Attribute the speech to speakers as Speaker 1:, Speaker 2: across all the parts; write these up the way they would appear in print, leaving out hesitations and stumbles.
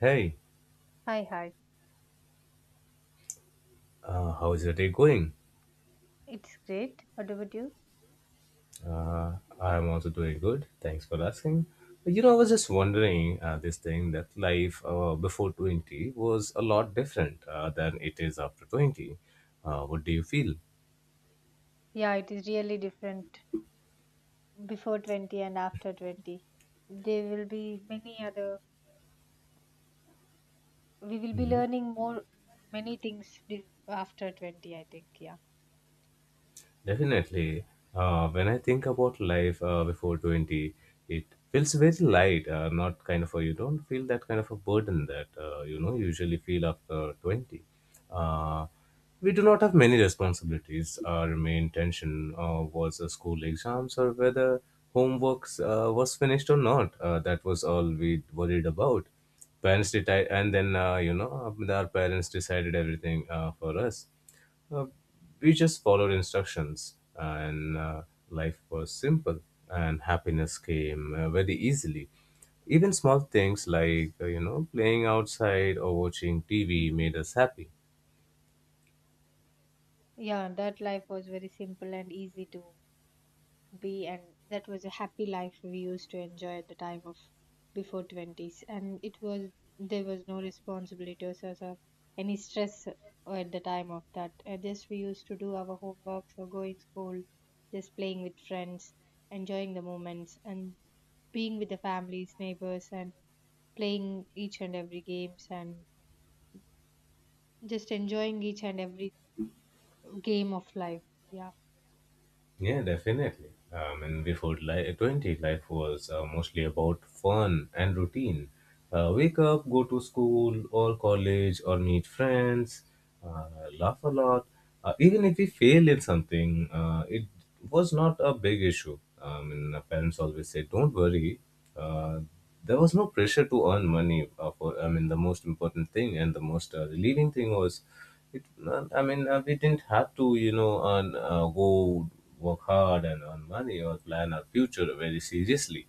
Speaker 1: Hey,
Speaker 2: Hi, hi.
Speaker 1: how is your day going?
Speaker 2: It's great. What about you?
Speaker 1: I'm also doing good. Thanks for asking. You know, I was just wondering this thing that life before 20 was a lot different than it is after 20. What do you feel?
Speaker 2: Yeah, it is really different before 20 and after 20. There will be many other, we will be learning more, many things after 20, I think. Yeah.
Speaker 1: Definitely. When I think about life before 20, it feels very light, not kind of a, you don't feel that kind of a burden that, you know, usually feel after 20. Uh, we do not have many responsibilities. Our main tension was the school exams or whether homeworks was finished or not. That was all we worried about. Parents did, and then, our parents decided everything for us uh, we just followed instructions, and life was simple, and happiness came very easily. Even small things like, playing outside or watching TV made us happy.
Speaker 2: Yeah, that life was very simple and easy to be, and that was a happy life we used to enjoy at the time of before 20s, and it was there was no responsibilities or any stress at the time of that. Just we used to do our homeworks or going school, just playing with friends, enjoying the moments and being with the families, neighbors, and playing each and every games and just enjoying each and every game of life, yeah.
Speaker 1: Yeah, definitely. And 20, life was mostly about fun and routine. Wake up, go to school or college or meet friends, uh, laugh a lot. Even if we fail in something, it was not a big issue. And our parents always said, don't worry. Uh, there was no pressure to earn money. I mean, the most important thing and the most relieving thing was it, I mean, we didn't have to, earn, go work hard and earn money or plan our future very seriously.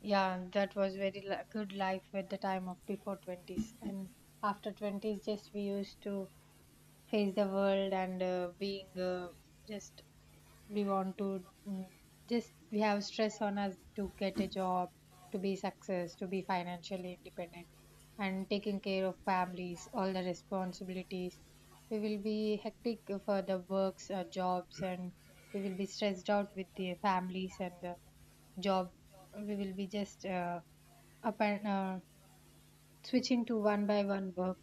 Speaker 2: Yeah, that was very good life at the time of before 20s. And after 20s, just we used to face the world and being just we want to just we have stress on us to get a job, to be success, to be financially independent, and taking care of families, all the responsibilities. We will be hectic for the works or jobs, and we will be stressed out with the families and the job. We will be just. Up and switching to one by one work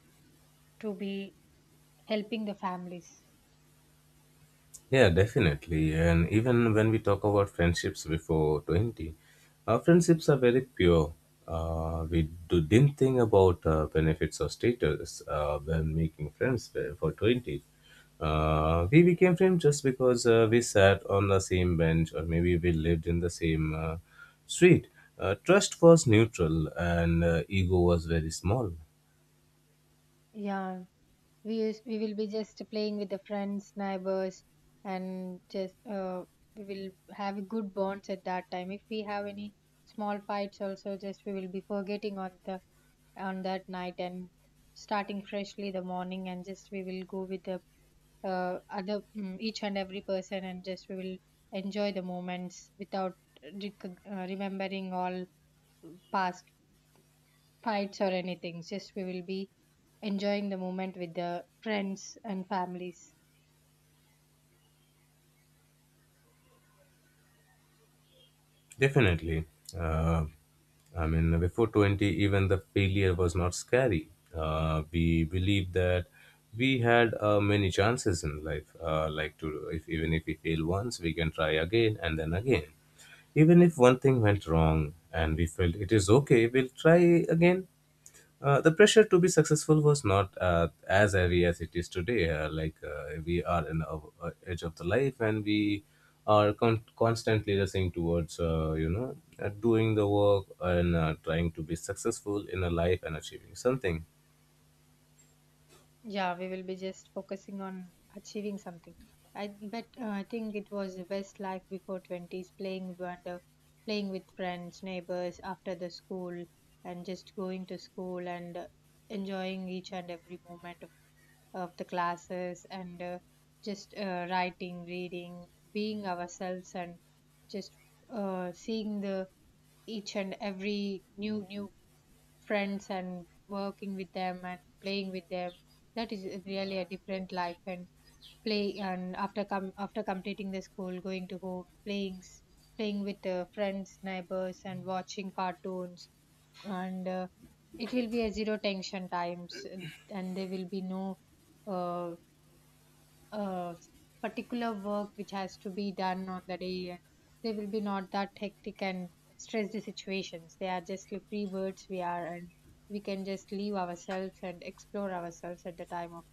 Speaker 2: to be helping the families.
Speaker 1: Yeah, definitely. And even when we talk about friendships before 20, our friendships are very pure. We didn't think about benefits or status when making friends for 20. We became friends just because we sat on the same bench or maybe we lived in the same street. Trust was neutral and ego was very small.
Speaker 2: Yeah, we will be just playing with the friends, neighbors, and just, we will have good bonds at that time. If we have any small fights also, just we will be forgetting on the on that night and starting freshly the morning, and just we will go with the other, each and every person, and just we will enjoy the moments without remembering all past fights or anything. Just we will be enjoying the moment with the friends and families.
Speaker 1: Definitely. Uh, I mean, before 20, even the failure was not scary. We believed that we had many chances in life. If even if we fail once, we can try again and then again. Even if one thing went wrong and we felt it is okay, we'll try again. The pressure to be successful was not as heavy as it is today. Like we are in our edge of the life, and we are constantly rushing towards, doing the work and trying to be successful in a life and achieving something.
Speaker 2: Yeah, we will be just focusing on achieving something. I, but I think it was the best life before twenties, playing wonder, playing with friends, neighbors after the school, and just going to school and enjoying each and every moment of the classes and just, writing, reading, being ourselves, and just, seeing the each and every new friends and working with them and playing with them. That is really a different life. And play and after come after completing the school, going to home, playing playing with friends, neighbors, and watching cartoons and, it will be a zero tension times, and there will be no, uh, uh, particular work which has to be done on the day, and they will be not that hectic and stress situations. They are just like free birds we are, and we can just leave ourselves and explore ourselves at the time of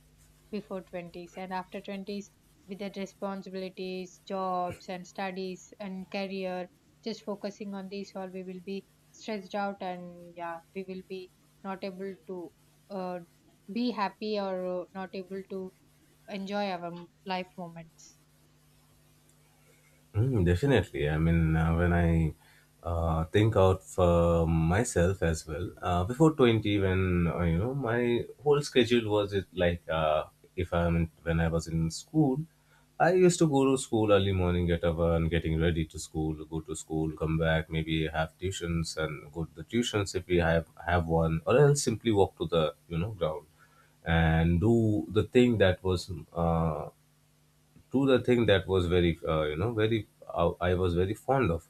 Speaker 2: before 20s. And after 20s, with the responsibilities, jobs and studies and career, just focusing on these all, we will be stressed out. And yeah, we will be not able to, uh, be happy or, not able to enjoy our life moments.
Speaker 1: Mm, definitely. I mean, when I think out for myself as well, before 20, when, you know, my whole schedule was it like if I'm in, when I was in school, I used to go to school early morning, get up and getting ready to school, go to school, come back, maybe have tuitions and go to the tuitions if we have one, or else simply walk to the, you know, ground and do the thing that was very you know very I was very fond of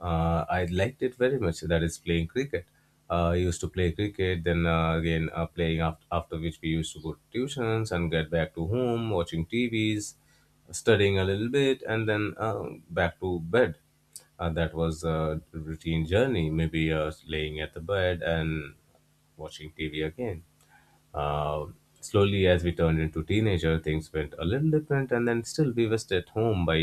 Speaker 1: I liked it very much. That is playing cricket. I used to play cricket, then again playing after which we used to go to tuitions and get back to home, watching tvs, studying a little bit, and then back to bed. That was a routine journey, maybe laying at the bed and watching tv again. uh, slowly, as we turned into teenager, things went a little different, and then still we were stay at home by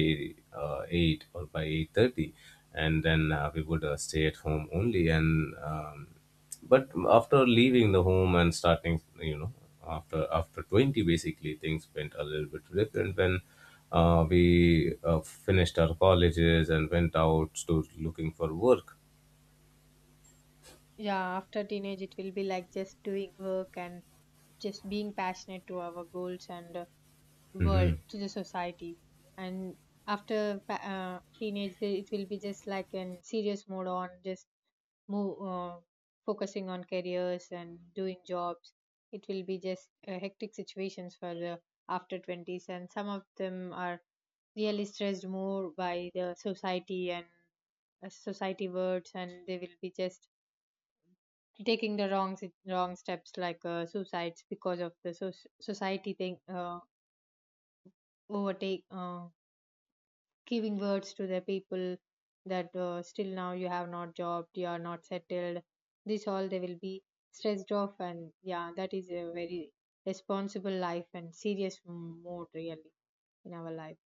Speaker 1: 8 or by 8:30, and then we would stay at home only. And but after leaving the home and starting, you know, after 20, basically things went a little bit different when. We finished our colleges and went out to looking for work.
Speaker 2: Yeah, after teenage, it will be like just doing work and just being passionate to our goals and, world to the society. And after teenage, it will be just like in serious mode on. Just move, focusing on careers and doing jobs. It will be just hectic situations for the after 20s, and some of them are really stressed more by the society and, society words, and they will be just taking the wrong steps like suicides because of the society thing, overtake, giving words to the people that, still now you have not job, you are not settled. This all they will be stressed off. And yeah, that is a very responsible life and serious mode really in our life.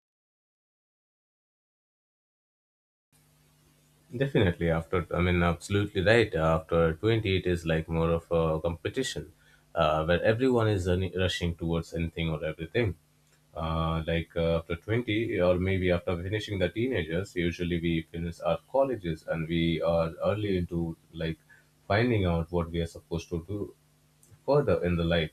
Speaker 1: Definitely, after, I mean, absolutely right. After 20, it is like more of a competition, where everyone is rushing towards anything or everything. Like after 20, or maybe after finishing the teenagers, usually we finish our colleges and we are early into like finding out what we are supposed to do further in the life.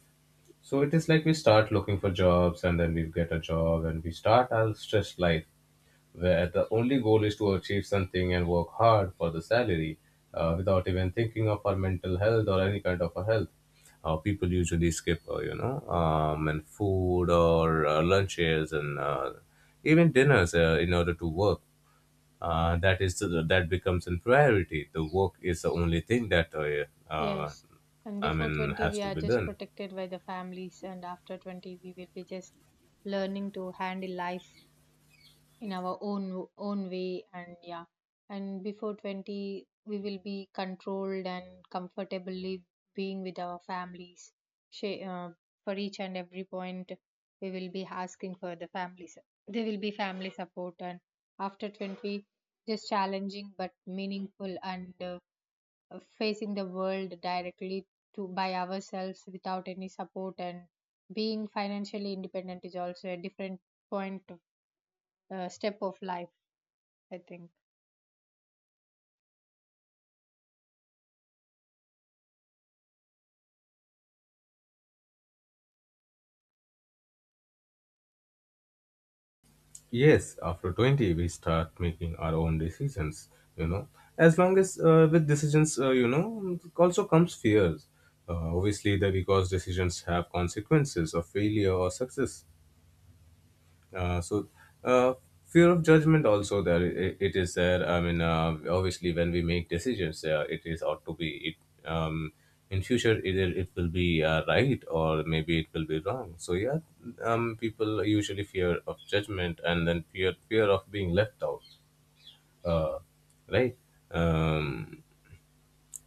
Speaker 1: So it is like we start looking for jobs and then we get a job and we start our stressed life, where the only goal is to achieve something and work hard for the salary without even thinking of our mental health or any kind of a health. People usually skip, and food or lunches and even dinners in order to work. That is that becomes a priority. The work is the only thing that uh,
Speaker 2: Yes. And
Speaker 1: I
Speaker 2: before
Speaker 1: mean
Speaker 2: 20,
Speaker 1: has
Speaker 2: we
Speaker 1: to
Speaker 2: are
Speaker 1: be
Speaker 2: just
Speaker 1: done.
Speaker 2: protected by the families, and after 20, we will be just learning to handle life in our own way. And yeah, and before 20 we will be controlled and comfortably being with our families. Sha- uh, for each and every point, we will be asking for the families. There will be family support, and after 20, just challenging but meaningful and, facing the world directly to by ourselves without any support. And being financially independent is also a different point of, step of life, I think.
Speaker 1: Yes, after 20, we start making our own decisions, you know. As long as with decisions, you know, also comes fears. Obviously, that because decisions have consequences of failure or success. Uh, so uh, fear of judgment also there, it is there. I mean obviously when we make decisions it is ought to be it, in future either it will be right or maybe it will be wrong. So yeah, people usually fear of judgment and then fear of being left out. uh, right. um,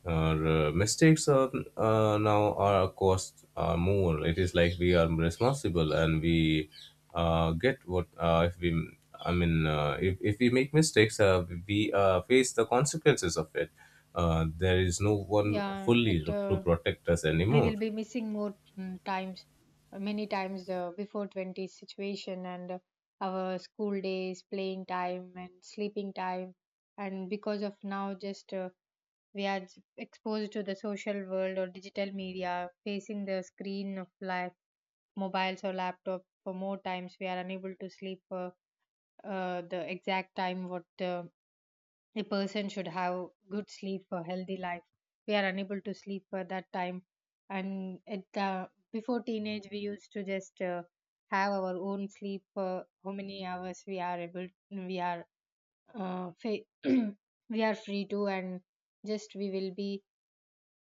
Speaker 1: our mistakes are now, our costs are more. It is like we are responsible and we get what if we. I mean, if we make mistakes, we face the consequences of it. There is no one
Speaker 2: Yeah,
Speaker 1: fully
Speaker 2: it
Speaker 1: to protect us
Speaker 2: we
Speaker 1: anymore.
Speaker 2: will be missing more, times, many times, before 20 situation and, our school days playing time and sleeping time. And because of now just, we are exposed to the social world or digital media, facing the screen of life, mobiles or laptop for more times. We are unable to sleep for, the exact time what, a person should have good sleep for healthy life. We are unable to sleep for that time. And it before teenage we used to just, have our own sleep, how many hours we are able, uh, fa- we are free to, and just we will be,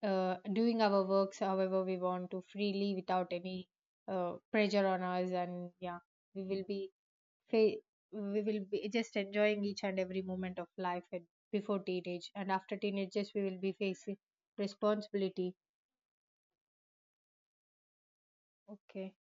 Speaker 2: doing our works however we want to freely without any, pressure on us. And yeah, we will be fa- we will be just enjoying each and every moment of life at, before teenage. And after teenagers, we will be facing responsibility. Okay.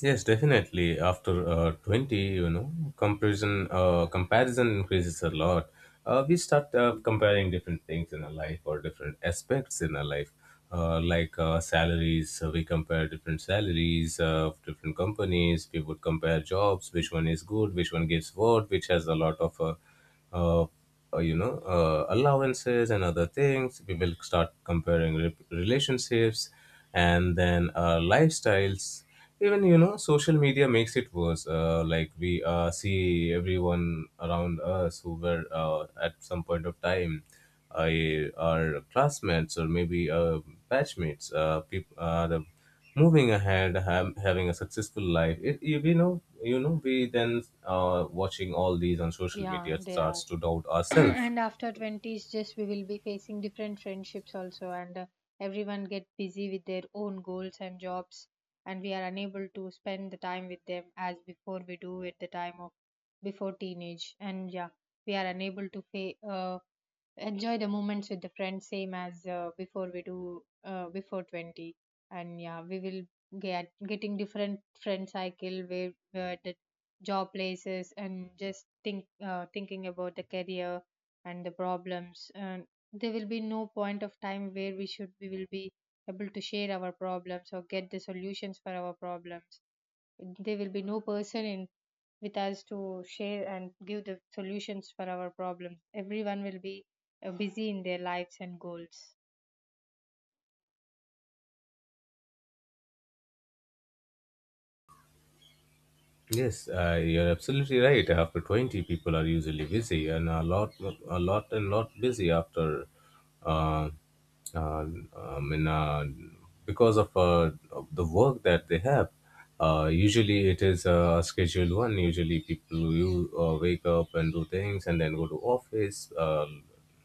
Speaker 1: Yes, definitely. After 20, you know, comparison increases a lot. We start comparing different things in our life or different aspects in our life, like salaries. So we compare different salaries of different companies. We would compare jobs, which one is good, which one gives what, which has a lot of uh, you know, allowances and other things. We will start comparing relationships and then lifestyles. Even you know, social media makes it worse. Like we see everyone around us who were at some point of time our classmates or maybe batchmates, people are the moving ahead, having a successful life. It, you, you know, we then watching all these on social
Speaker 2: Yeah,
Speaker 1: media
Speaker 2: they are.
Speaker 1: starts to doubt ourselves.
Speaker 2: And after 20s, just we will be facing different friendships also, and, everyone get busy with their own goals and jobs, and we are unable to spend the time with them as before we do at the time of before teenage. And yeah, we are unable to enjoy the moments with the friends same as, before we do, before 20. And yeah, we will get getting different friend cycle where the job places and just thinking about the career and the problems. And there will be no point of time where we should we will be able to share our problems or get the solutions for our problems. There will be no person in with us to share and give the solutions for our problems. Everyone will be, busy in their lives and goals.
Speaker 1: Yes, you're absolutely right. After 20, people are usually busy and a lot and lot busy after, uh, uh, I mean, of the work that they have. Usually it is a scheduled one. Usually people you wake up and do things and then go to office.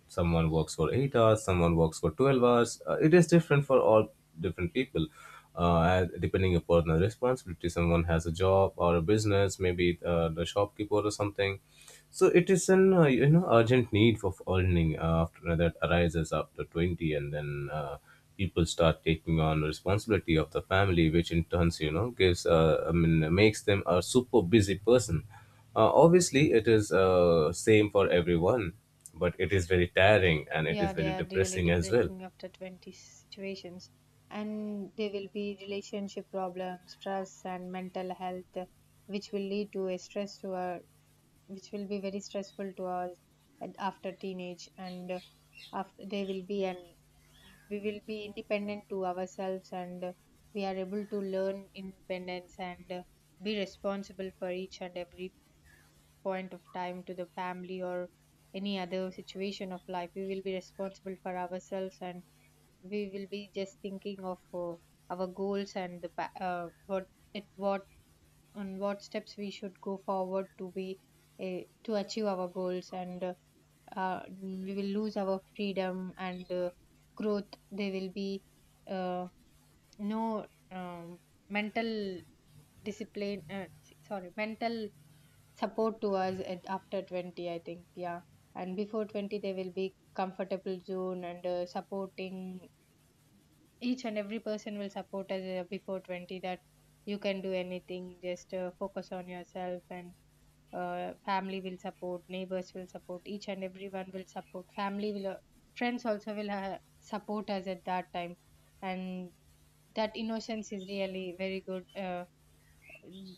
Speaker 1: Someone works for 8 hours, someone works for 12 hours. It is different for all different people. And depending upon the responsibility, someone has a job or a business, maybe the shopkeeper or something. So it is an you know, urgent need for earning after that arises after 20, and then people start taking on responsibility of the family, which in turns, you know, gives I mean makes them a super busy person. Obviously, it is same for everyone, but it is very tiring and it is
Speaker 2: Yeah, they
Speaker 1: very
Speaker 2: are really
Speaker 1: depressing as well.
Speaker 2: depressing after 20 situations. And there will be relationship problems, stress and mental health, which will lead to a stress to our, which will be very stressful to us at, after teenage. And, after they will be, and we will be independent to ourselves. And, we are able to learn independence, and, be responsible for each and every point of time to the family or any other situation of life. We will be responsible for ourselves, and we will be just thinking of, our goals and the what, at what, on what steps we should go forward to be a, to achieve our goals. And, we will lose our freedom. And, growth, there will be, uh, no mental discipline s- sorry mental support to us at after 20, I think. Yeah, and before 20 there will be comfortable zone and, supporting, each and every person will support us, before 20, that you can do anything. Just, focus on yourself, and, family will support, neighbors will support, each and everyone will support, family will, friends also will, support us at that time. And that innocence is really very good, mm,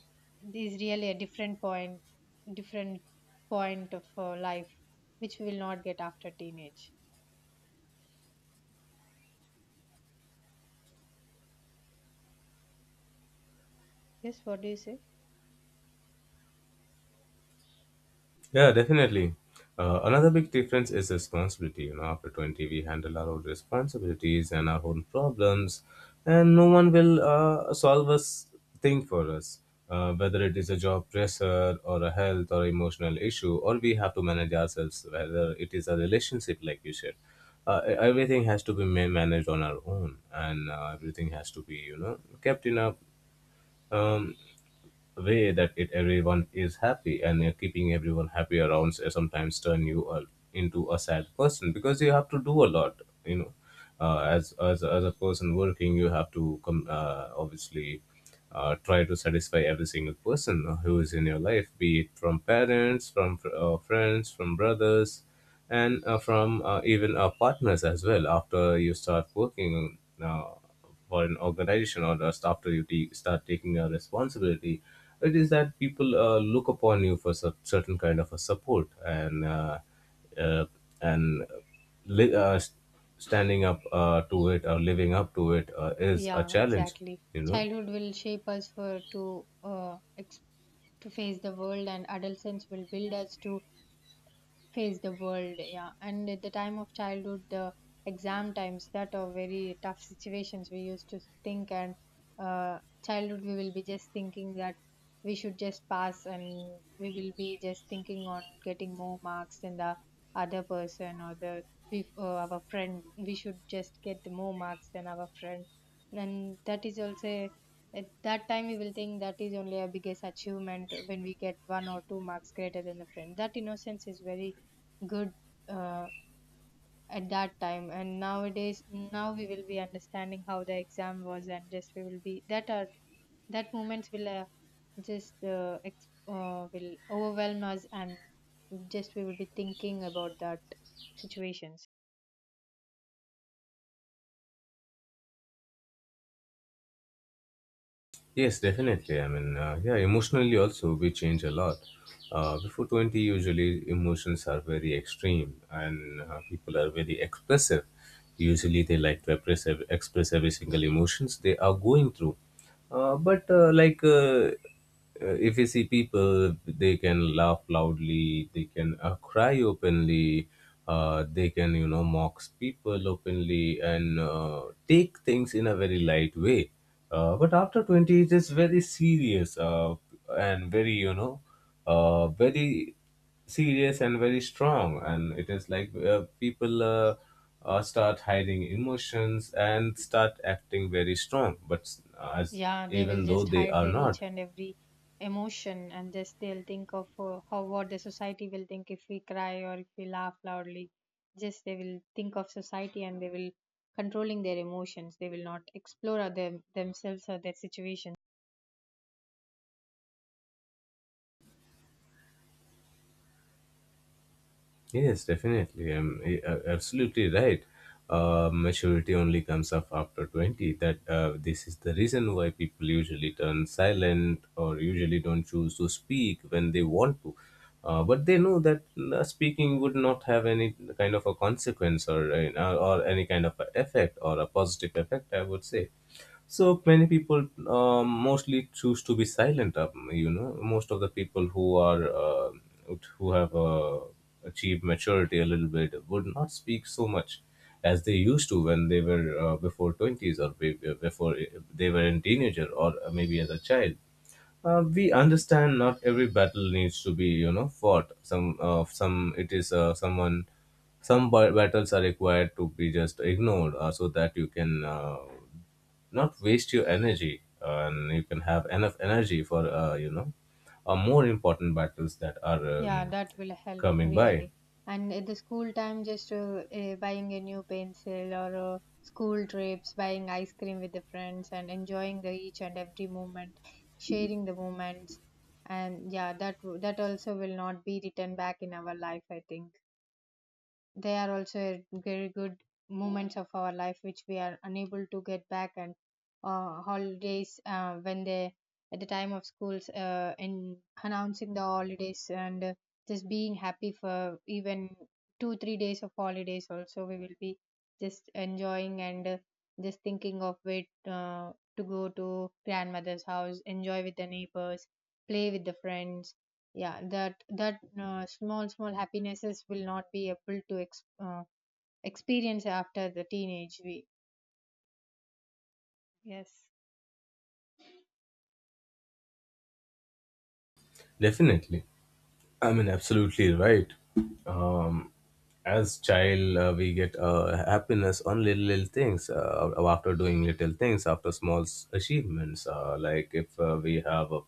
Speaker 2: is really a different point, different point of, life, which we will not get after teenage. Yes, what do you say?
Speaker 1: Yeah, definitely. Another big difference is responsibility. You know, after 20, we handle our own responsibilities and our own problems, and no one will solve us thing for us. Whether it is a job pressure or a health or emotional issue, or we have to manage ourselves, whether it is a relationship, like you said, everything has to be managed on our own, and everything has to be, you know, kept in a um, way that it everyone is happy. And keeping everyone happy around sometimes turn you into a sad person, because you have to do a lot, you know. As a person working, you have to come obviously try to satisfy every single person who is in your life, be it from parents, friends, from brothers, and from even partners as well. After you start working uh, for an organization, or just after you take start taking a responsibility, it is that people look upon you for certain kind of a support. And uh, and li- uh, s- standing up to it or living up to it is a
Speaker 2: Yeah,
Speaker 1: challenge,
Speaker 2: exactly.
Speaker 1: you know.
Speaker 2: Childhood will shape us for to, to face the world, and adolescence will build us to face the world. Yeah, and at the time of childhood, the exam times that are very tough situations we used to think. And, uh, childhood we will be just thinking that we should just pass, and we will be just thinking on getting more marks than the other person or the our friend. We should just get more marks than our friend. And that is also a-, at that time we will think that is only our biggest achievement when we get one or two marks greater than the friend. That innocence is very good, uh, at that time. And nowadays, now we will be understanding how the exam was, and just we will be that are that moments will, will overwhelm us, and just we will be thinking about that situations.
Speaker 1: Yes, definitely. I mean, yeah, emotionally also we change a lot. Before 20, usually emotions are very extreme and people are very expressive. Usually they like to express, express every single emotions they are going through. But like If you see people, they can laugh loudly, they can cry openly, they can, you know, mock people openly, and take things in a very light way. But after 20 it is very serious, and very, you know, very serious and very strong. And it is like people start hiding emotions and start acting very strong, as,
Speaker 2: Yeah, they will
Speaker 1: even though
Speaker 2: just
Speaker 1: they
Speaker 2: hide
Speaker 1: are
Speaker 2: their
Speaker 1: not.
Speaker 2: each and every emotion, and just they'll think of, how what the society will think if we cry or if we laugh loudly. Just they will think of society and they will controlling their emotions. They will not explore other, themselves or their situation.
Speaker 1: Yes, definitely. I'm absolutely right. Maturity only comes up after 20. That This is the reason why people usually turn silent or usually don't choose to speak when they want to. But they know that speaking would not have any kind of a consequence, or any kind of a effect, or a positive effect, I would say. So many people mostly choose to be silent, most of the people who have achieved maturity a little bit would not speak so much as they used to when they were, before 20s, or before they were in teenager, or maybe as a child. We understand not every battle needs to be, you know, fought. Some it is someone. Some battles are required to be just ignored, so that you can not waste your energy, and you can have enough energy for, you know, more important battles that are
Speaker 2: Yeah, that will help
Speaker 1: coming by.
Speaker 2: really. And at the school time, just buying a new pencil or school trips, buying ice cream with the friends, and enjoying the each and every moment, sharing the moments, and yeah, that also will not be written back in our life, I think. They are also a very good moments of our life which we are unable to get back and holidays when they at the time of schools in announcing the holidays and just being happy for even 2 3 days of holidays also we will be just enjoying and just thinking of it, to go to grandmother's house, enjoy with the neighbors, play with the friends. Yeah, that small small happinesses will not be able to experience after the teenage we. Yes.
Speaker 1: Definitely. I mean, absolutely right. Um, as child, we get happiness on little, little things. After doing little things, after small achievements, like if we have a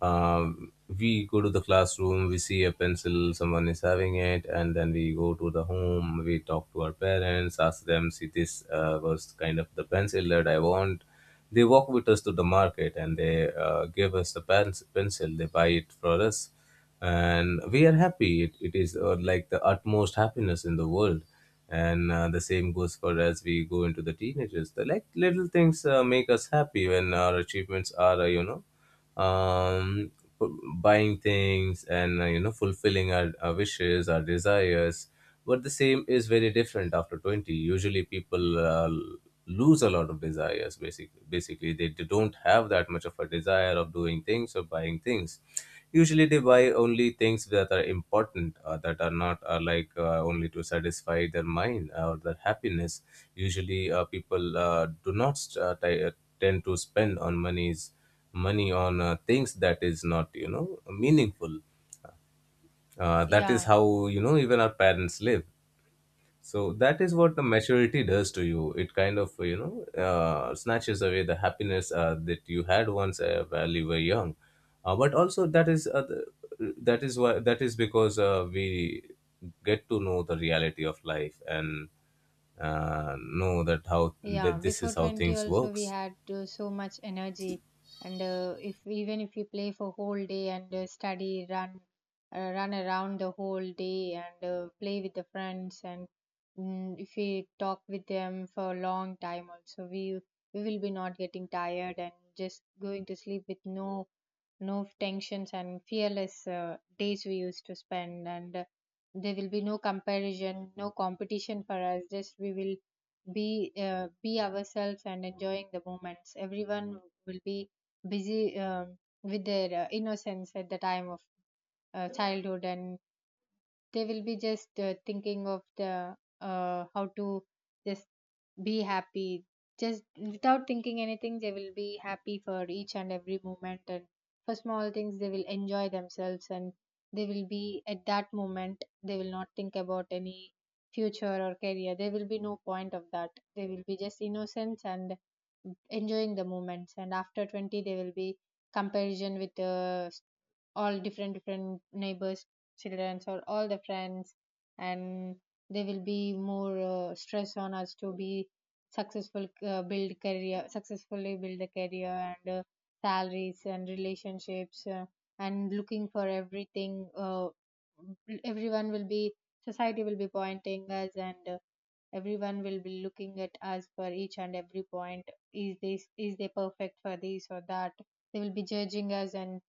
Speaker 1: we go to the classroom, we see a pencil someone is having it, and then we go to the home, we talk to our parents, ask them, see, this was kind of the pencil that I want. They walk with us to the market, and they give us the pencil, they buy it for us, and we are happy. It is like the utmost happiness in the world. And the same goes for as we go into the teenagers. The like little things make us happy when our achievements are, you know, um, buying things, and, you know, fulfilling our wishes, our desires. But the same is very different after 20. Usually people lose a lot of desires. Basically they don't have that much of a desire of doing things or buying things. Usually they buy only things that are important, that are not are like only to satisfy their mind or their happiness. Usually people do not tend to spend on monies money on things that is not, you know, meaningful. That is
Speaker 2: yeah
Speaker 1: how, you know, even our parents live. So that is what the maturity does to you. It kind of, you know, snatches away the happiness that you had once, while you were young. But also, that is the- that is why that is because we get to know the reality of life, and know that, how
Speaker 2: Yeah,
Speaker 1: that this is
Speaker 2: before
Speaker 1: how
Speaker 2: 20
Speaker 1: things
Speaker 2: also we
Speaker 1: works.
Speaker 2: had so much energy and if even if we play for whole day and uh, study, run around the whole day and play with the friends and if we talk with them for a long time also we will be not getting tired and just going to sleep with no no tensions, and fearless days we used to spend. And there will be no comparison, no competition for us. Just we will be ourselves and enjoying the moments. Everyone will be busy with their innocence at the time of childhood, and they will be just thinking of the how to just be happy. Just without thinking anything, they will be happy for each and every moment, and for small things they will enjoy themselves. And they will be at that moment, they will not think about any future or career. There will be no point of that. They will be just innocence and enjoying the moments. And after 20, they will be comparison with all different different neighbors, children, or all the friends. And there will be more stress on us to be successfully build a career, and salaries and relationships, and looking for everything. Everyone will be, society will be pointing us, and everyone will be looking at us for each and every point. Is this, is they perfect for this or that? They will be judging us, and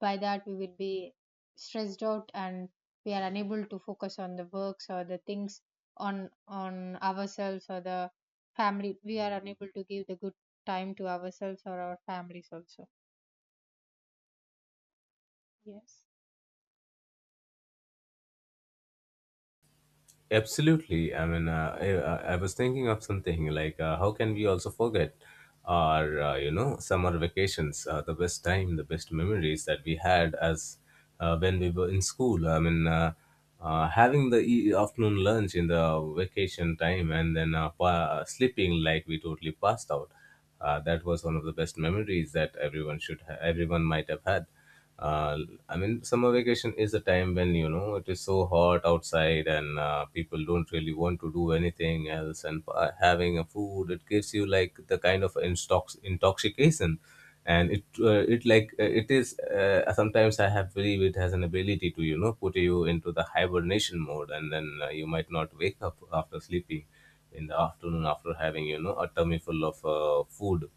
Speaker 2: by that we will be stressed out, and we are unable to focus on the works or the things, on ourselves or the family. We are unable to give the good time to ourselves or our families also. Yes.
Speaker 1: Absolutely. I mean, I was thinking of something, like, how can we also forget our, you know, summer vacations, the best time, the best memories that we had as when we were in school. I mean, having the afternoon lunch in the vacation time, and then sleeping, like we totally passed out. That was one of the best memories that everyone might have had. uh, I mean, summer vacation is a time when, you know, it is so hot outside, and people don't really want to do anything else. And having a food, it gives you like the kind of intoxication, and it is. Sometimes I have believe it has an ability to, you know, put you into the hibernation mode, and then you might not wake up after sleeping in the afternoon, after having, you know, a tummy full of food,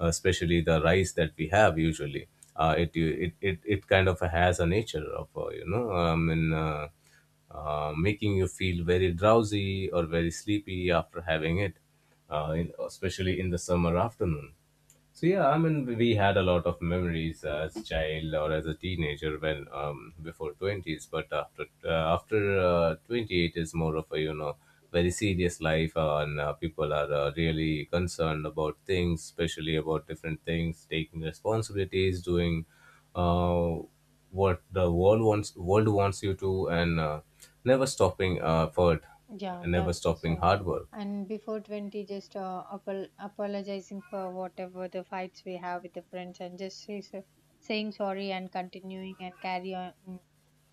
Speaker 1: especially the rice that we have usually. It kind of has a nature of, you know, I mean, making you feel very drowsy or very sleepy after having it, especially in the summer afternoon. So yeah, I mean, we had a lot of memories as a child or as a teenager, when before 20s, but after after 28 is more of a, you know, very serious life, and people are really concerned about things, especially about different things, taking responsibilities, doing uh, what the world wants you to, and never stopping effort,
Speaker 2: Yeah,
Speaker 1: and never
Speaker 2: that was
Speaker 1: stopping
Speaker 2: right.
Speaker 1: hard work.
Speaker 2: And before 20, just apologizing for whatever the fights we have with the friends, and just say, saying sorry and continuing, and carry on,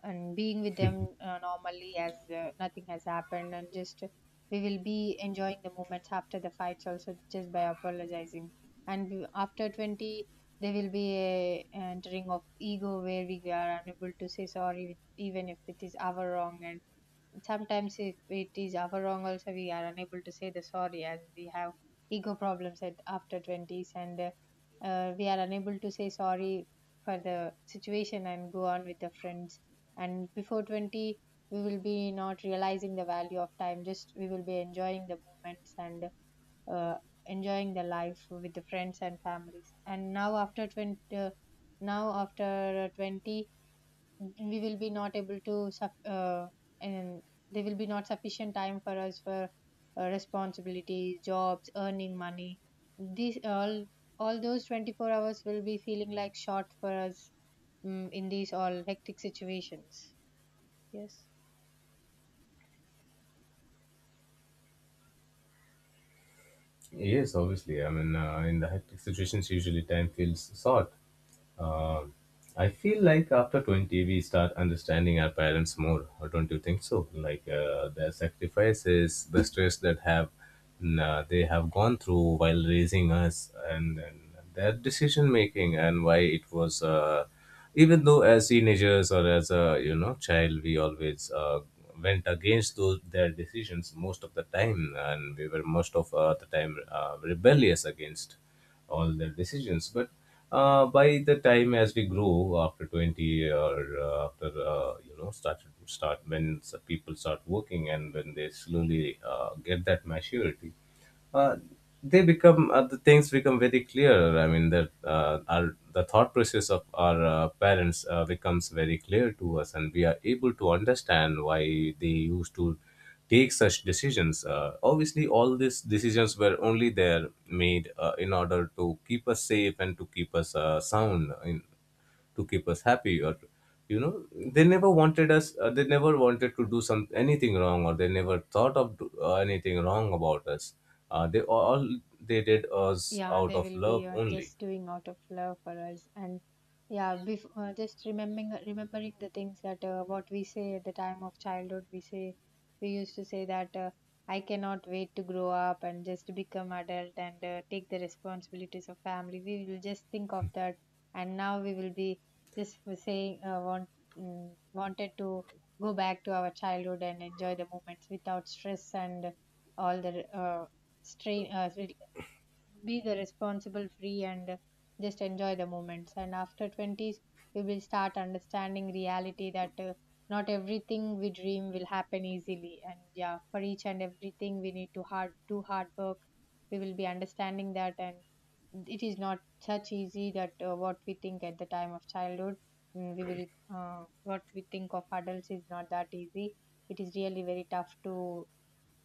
Speaker 2: and being with them normally as nothing has happened. And just we will be enjoying the moments after the fights also, just by apologizing. And we, after 20, there will be a entering of ego where we are unable to say sorry, with, even if it is our wrong. And sometimes if it is our wrong also, we are unable to say the sorry, as we have ego problems at after 20s, and we are unable to say sorry for the situation and go on with the friends. And before 20, we will be not realizing the value of time. Just we will be enjoying the moments, and uh, enjoying the life with the friends and families. And now after 20 uh, now after 20 we will be not able to and there will be not sufficient time for us for responsibilities, jobs, earning money, these all those 24 hours will be feeling like short for us, in these all hectic situations. Yes.
Speaker 1: Yes, obviously. I mean, in the hectic situations, usually time feels short. Um I feel like after 20, we start understanding our parents more. Or don't you think so? Like, their sacrifices, the stress that have they have gone through while raising us, and their decision making, and why it was. Even though, as teenagers, or as a, you know, child, we always went against those their decisions most of the time, and we were most of the time rebellious against all their decisions. But by the time as we grow after 20, or after you know started start when s- people start working, and when they slowly get that maturity, uh, the things become very clear. I mean that our the thought process of our parents becomes very clear to us, and we are able to understand why they used to take such decisions. Obviously, all these decisions were only there made in order to keep us safe, and to keep us sound, in to keep us happy, or you know, they never wanted to do some anything wrong, or they never thought of anything wrong about us. uh, they all they did us
Speaker 2: Yeah,
Speaker 1: out
Speaker 2: they
Speaker 1: of
Speaker 2: will
Speaker 1: love
Speaker 2: be
Speaker 1: only.
Speaker 2: just doing out of love for us. And yeah, before, just remembering the things that what we say at the time of childhood, we say we used to say that I cannot wait to grow up and just to become adult and take the responsibilities of family. We will just think of that. And now we will be just for saying wanted to go back to our childhood and enjoy the moments without stress and all the strain, be the responsible free and just enjoy the moments. And after 20s we will start understanding reality that not everything we dream will happen easily. And yeah, for each and everything we need to hard work. We will be understanding that. And it is not such easy that what we think at the time of childhood, mm, we will what we think of adults is not that easy. It is really very tough to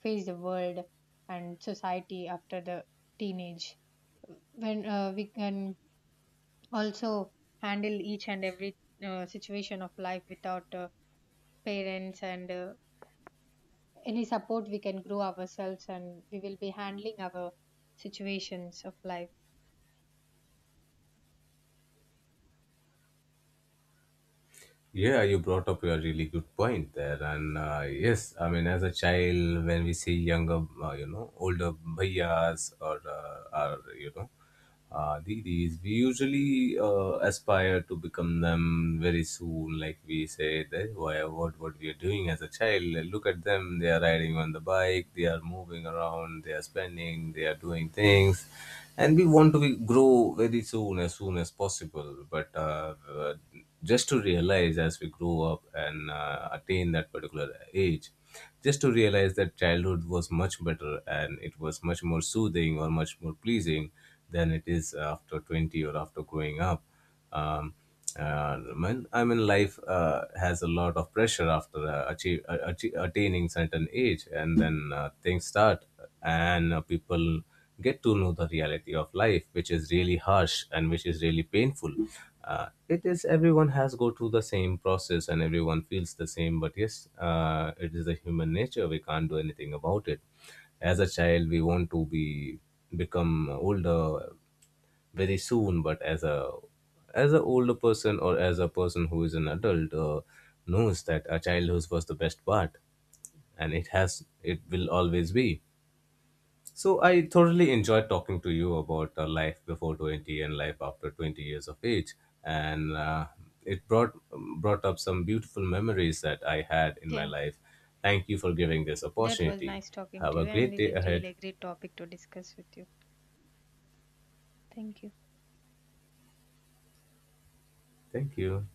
Speaker 2: face the world and society after the teenage, when we can also handle each and every situation of life without parents and any support. We can grow ourselves and we will be handling our situations of life.
Speaker 1: Yeah, you brought up a really good point there, and yes, I mean, as a child, when we see younger, you know, older bhaiyas, or you know, didis, we usually aspire to become them very soon. Like we say, that why what we are doing as a child. Look at them; they are riding on the bike, they are moving around, they are spending, they are doing things, and we want to grow very soon, as soon as possible. But just to realize, as we grow up and attain that particular age, just to realize that childhood was much better, and it was much more soothing, or much more pleasing than it is after 20, or after growing up. Um, when I mean, life has a lot of pressure after attaining certain age, and then things start, and people get to know the reality of life, which is really harsh and which is really painful. It is Everyone has go through the same process, and everyone feels the same. But yes, it is the human nature. We can't do anything about it. As a child, we want to be become older very soon, but as an older person, or as a person who is an adult, knows that our childhood was the best part, and it will always be. So I thoroughly enjoyed talking to you about life before 20 and life after 20 years of age, and it brought up some beautiful memories that I had in my
Speaker 2: Yeah,
Speaker 1: life. Thank you for giving this
Speaker 2: that was
Speaker 1: opportunity.
Speaker 2: nice talking
Speaker 1: Have
Speaker 2: to
Speaker 1: a
Speaker 2: you, and
Speaker 1: great
Speaker 2: it
Speaker 1: day
Speaker 2: is
Speaker 1: ahead.
Speaker 2: really a great topic to discuss with you. Thank you.
Speaker 1: Thank you.